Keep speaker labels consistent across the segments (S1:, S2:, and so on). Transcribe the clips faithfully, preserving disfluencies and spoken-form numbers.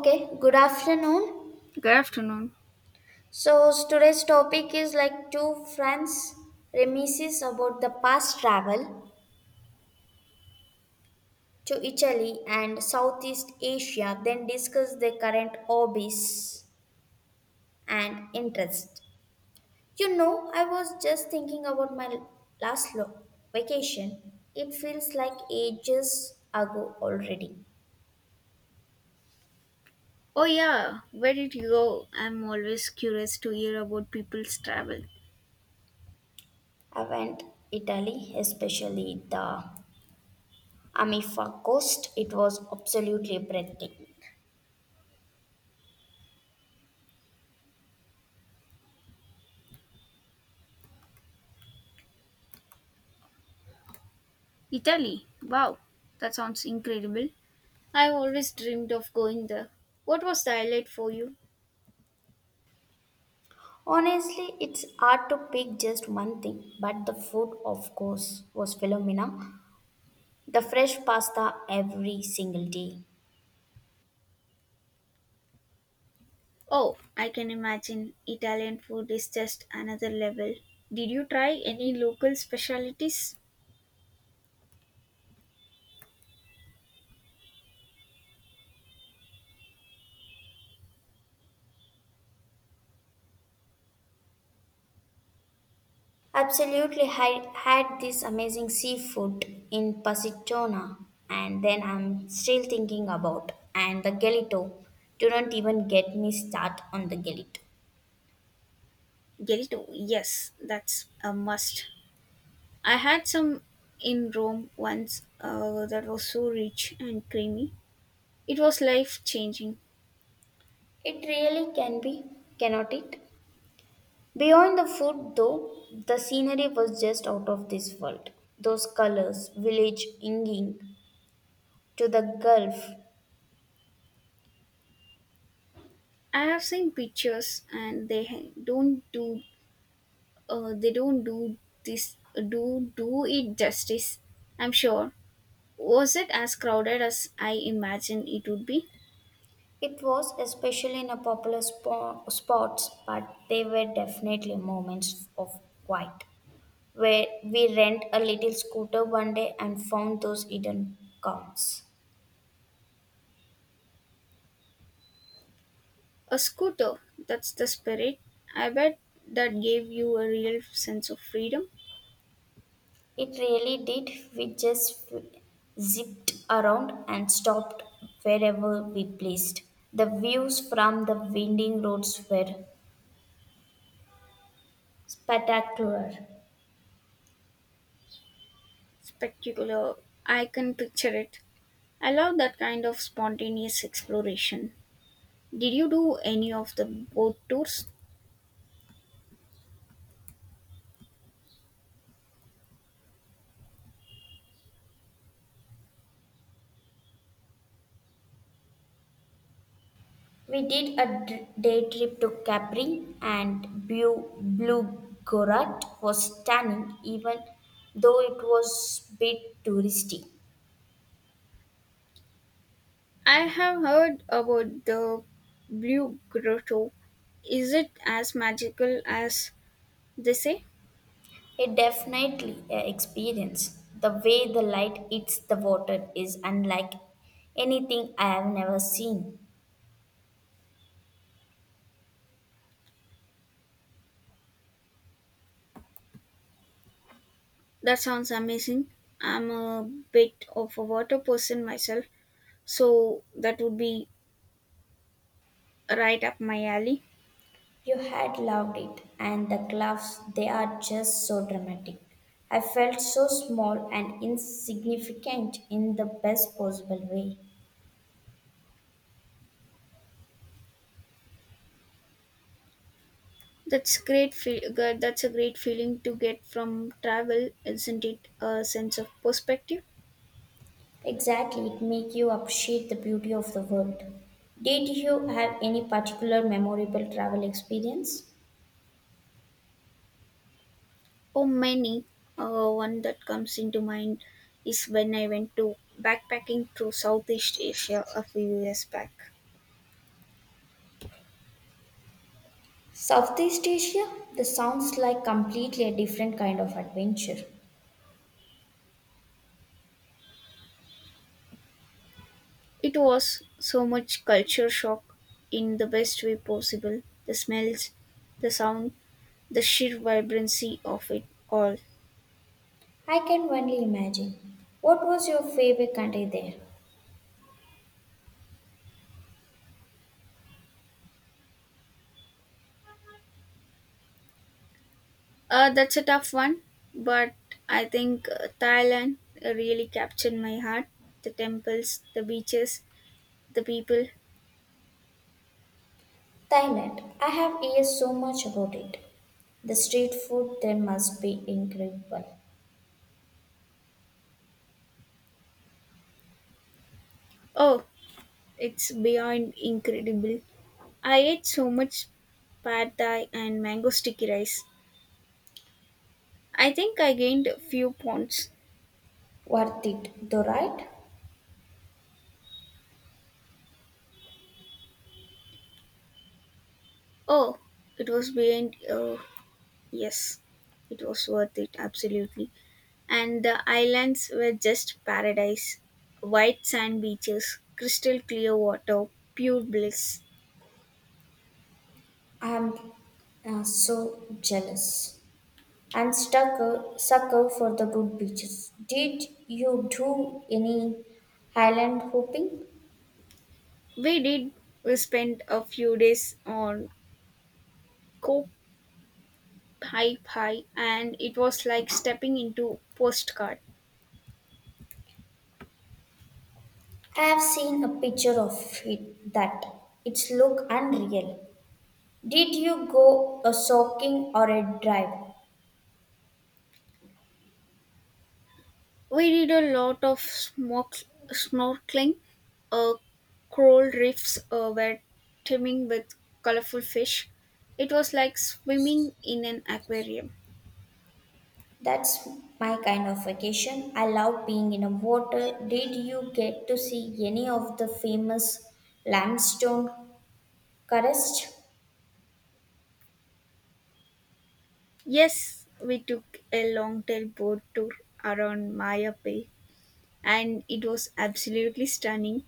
S1: Okay, good afternoon.
S2: Good afternoon.
S1: So today's topic is like two friends remises about the past travel to Italy and Southeast Asia, then discuss their current hobbies and interest. You know, I was just thinking about my last lo- vacation. It feels like ages ago already.
S2: Oh, yeah, where did you go? I'm always curious to hear about people's travel.
S1: I went Italy, especially the Amalfi Coast. It was absolutely breathtaking.
S2: Italy. Wow, that sounds incredible. I've always dreamed of going there. What was the highlight for you?
S1: Honestly, it's hard to pick just one thing, but the food, of course, was phenomena. The fresh pasta every single day.
S2: Oh, I can imagine Italian food is just another level. Did you try any local specialties?
S1: Absolutely, I had this amazing seafood in Positano, and then I'm still thinking about. And the galito, do not even get me start on the galito.
S2: Gelato, yes, that's a must. I had some in Rome once uh, That was so rich and creamy. It was life changing.
S1: It really can be, cannot it? Beyond the food, though, the scenery was just out of this world. Those colors, village, inging, to the Gulf.
S2: I have seen pictures, and they ha- don't do uh, they don't do this do do it justice. I'm sure. Was it as crowded as I imagined it would be?
S1: It was especially in a popular spo- spots, but they were definitely moments of quiet, where we rent a little scooter one day and found those hidden coins.
S2: A scooter. That's the spirit. I bet that gave you a real sense of freedom.
S1: It really did. We just zipped around and stopped wherever we pleased. The views from the winding roads were spectacular.
S2: Spectacular. I can picture it. I love that kind of spontaneous exploration. Did you do any of the boat tours?
S1: We did a d- day trip to Capri and Blue Bluegorat was stunning even though it was a bit touristy.
S2: I have heard about the Blue Grotto. Is it as magical as they say?
S1: It definitely a experience. The way the light hits the water is unlike anything I have never seen.
S2: That sounds amazing. I'm a bit of a water person myself, so that would be right up my alley.
S1: You had loved it and the gloves they are just so dramatic. I felt so small and insignificant in the best possible way.
S2: That's great. Feel- good- that's a great feeling to get from travel, isn't it? A sense of perspective.
S1: Exactly, it make you appreciate the beauty of the world. Did you have any particular memorable travel experience?
S2: Oh, many. Uh, one that comes into mind is when I went to backpacking through Southeast Asia a few years back.
S1: Southeast Asia? This sounds like completely a different kind of adventure.
S2: It was so much culture shock in the best way possible, the smells, the sound, the sheer vibrancy of it all.
S1: I can only imagine. What was your favorite country there?
S2: Uh, that's a tough one, but I think uh, Thailand really captured my heart. The temples, the beaches, the people.
S1: Thailand. I have heard so much about it. The street food there must be incredible.
S2: Oh, it's beyond incredible. I ate so much pad thai and mango sticky rice. I think I gained a few pounds.
S1: Worth it, though, right?
S2: Oh, it was beyond uh, yes, it was worth it, absolutely. And the islands were just paradise. White sand beaches, crystal clear water, pure bliss.
S1: I am uh, so jealous. And stucker, sucker for the good beaches. Did you do any highland hopping?
S2: We did we spent a few days on Koh Phi Phi and it was like stepping into postcard.
S1: I have seen a picture of it that it's look unreal. Did you go a soaking or a drive?
S2: We did a lot of smoke, snorkeling. Uh, Coral reefs uh, were teeming with colorful fish. It was like swimming in an aquarium.
S1: That's my kind of vacation. I love being in the water. Did you get to see any of the famous limestone carests?
S2: Yes, we took a long tail boat tour around Maya Bay and it was absolutely stunning.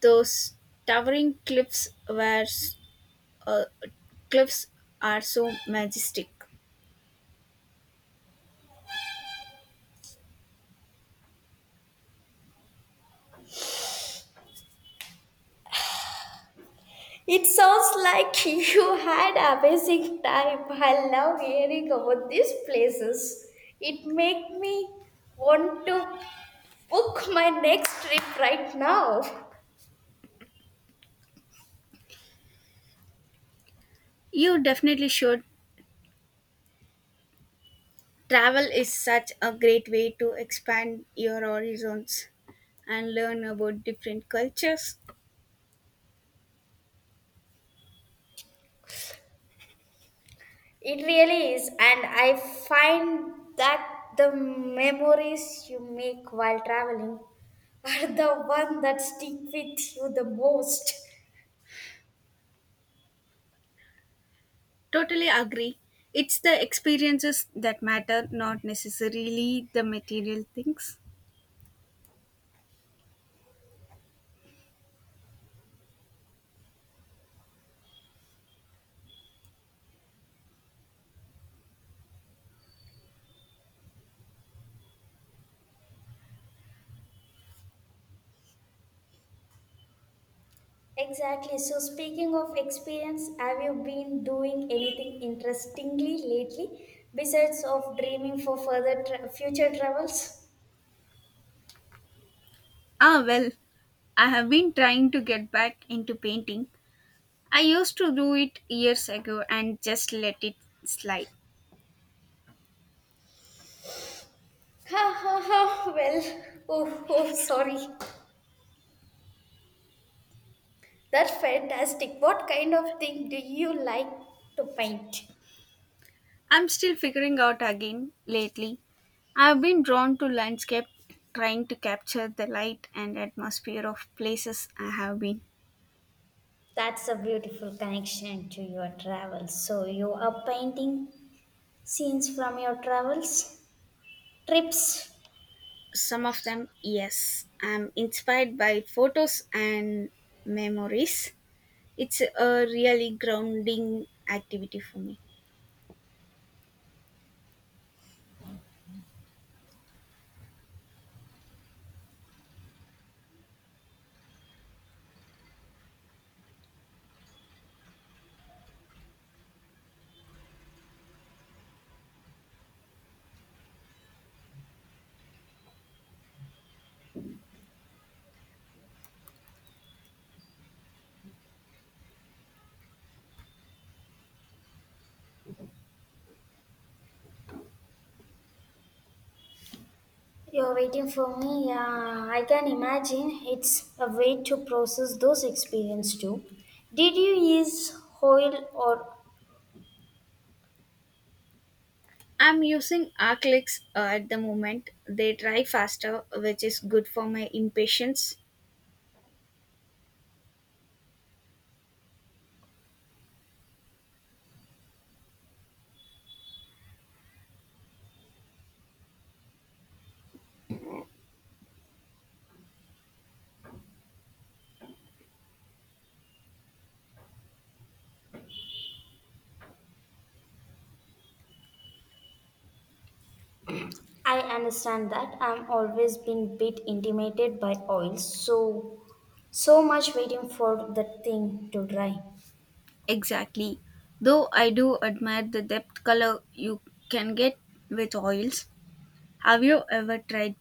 S2: Those towering cliffs were uh, cliffs are so majestic.
S1: It sounds like you had amazing time. I love hearing about these places. It make me want to book my next trip right now.
S2: You definitely should. Travel is such a great way to expand your horizons and learn about different cultures.
S1: It really is, and I find that the memories you make while traveling are the one that stick with you the most.
S2: Totally agree. It's the experiences that matter, not necessarily the material things.
S1: Exactly. So, speaking of experience, have you been doing anything interestingly lately besides of dreaming for further tra- future travels?
S2: Ah, well, I have been trying to get back into painting. I used to do it years ago and just let it slide.
S1: Ha ha ha. Well, oh, oh, sorry. That's fantastic. What kind of thing do you like to paint?
S2: I'm still figuring out again lately. I've been drawn to landscape, trying to capture the light and atmosphere of places I have been.
S1: That's a beautiful connection to your travels. So, you are painting scenes from your travels, trips.
S2: Some of them, yes, I'm inspired by photos and memories. It's a really grounding activity for me.
S1: You're waiting for me? Yeah, I can imagine. It's a way to process those experiences too. Did you use oil or
S2: I'm using Arclix uh, at the moment. They dry faster, which is good for my impatience.
S1: I understand that I'm always been bit intimidated by oil, so so much waiting for the thing to dry.
S2: Exactly. Though I do admire the depth color you can get with oils. Have you ever tried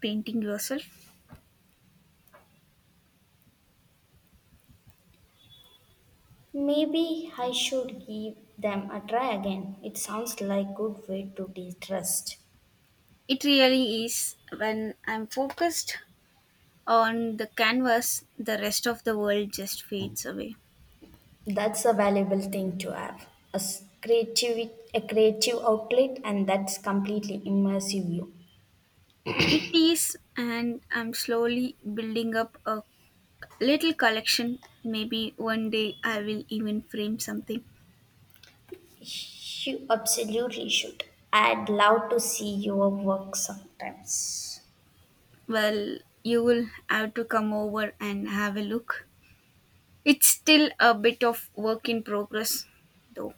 S2: painting yourself?
S1: Maybe I should give them a try again. It sounds like good way to de-stress.
S2: It really is. When I'm focused, on the canvas, the rest of the world just fades away.
S1: That's a valuable thing to have. A s- creative, a creative outlet, and that's completely immersive you.
S2: It is, and I'm slowly building up a little collection. Maybe one day I will even frame something.
S1: You absolutely should. I'd love to see your work sometimes.
S2: Well, you will have to come over and have a look. It's still a bit of work in progress, though.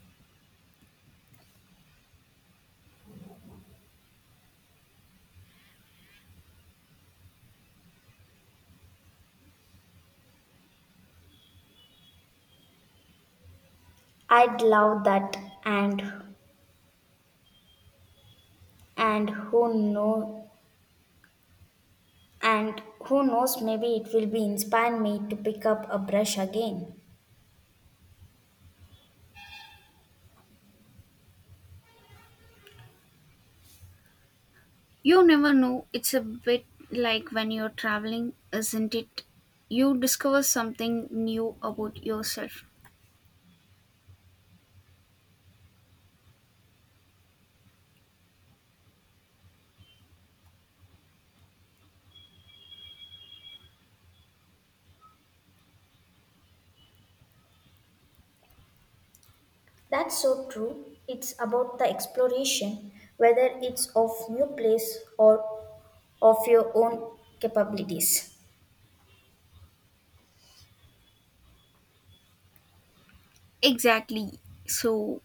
S1: I'd love that, and and who know and who knows maybe it will be inspire me to pick up a brush again.
S2: You never know. It's a bit like when you're traveling, isn't it? You discover something new about yourself.
S1: That's so true. It's about the exploration, whether it's of new place or of your own capabilities.
S2: Exactly. So,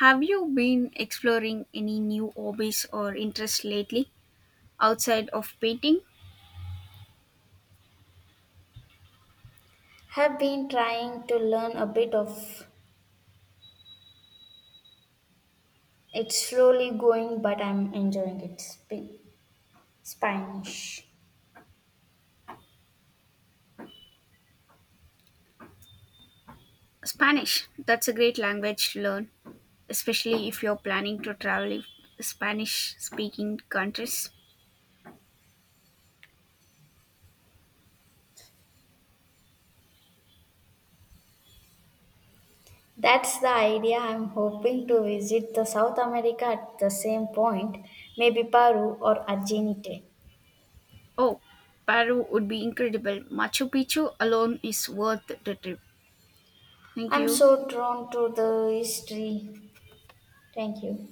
S2: have you been exploring any new hobbies or interests lately outside of painting?
S1: Have been trying to learn a bit of it's slowly going, but I'm enjoying it. Sp- Spanish.
S2: Spanish, that's a great language to learn, especially if you're planning to travel in Spanish speaking countries.
S1: That's the idea. I'm hoping to visit the South America at the same point, maybe Peru or Argentina.
S2: Oh, Peru would be incredible. Machu Picchu alone is worth the trip. Thank
S1: I'm
S2: you.
S1: so drawn to the history. Thank you.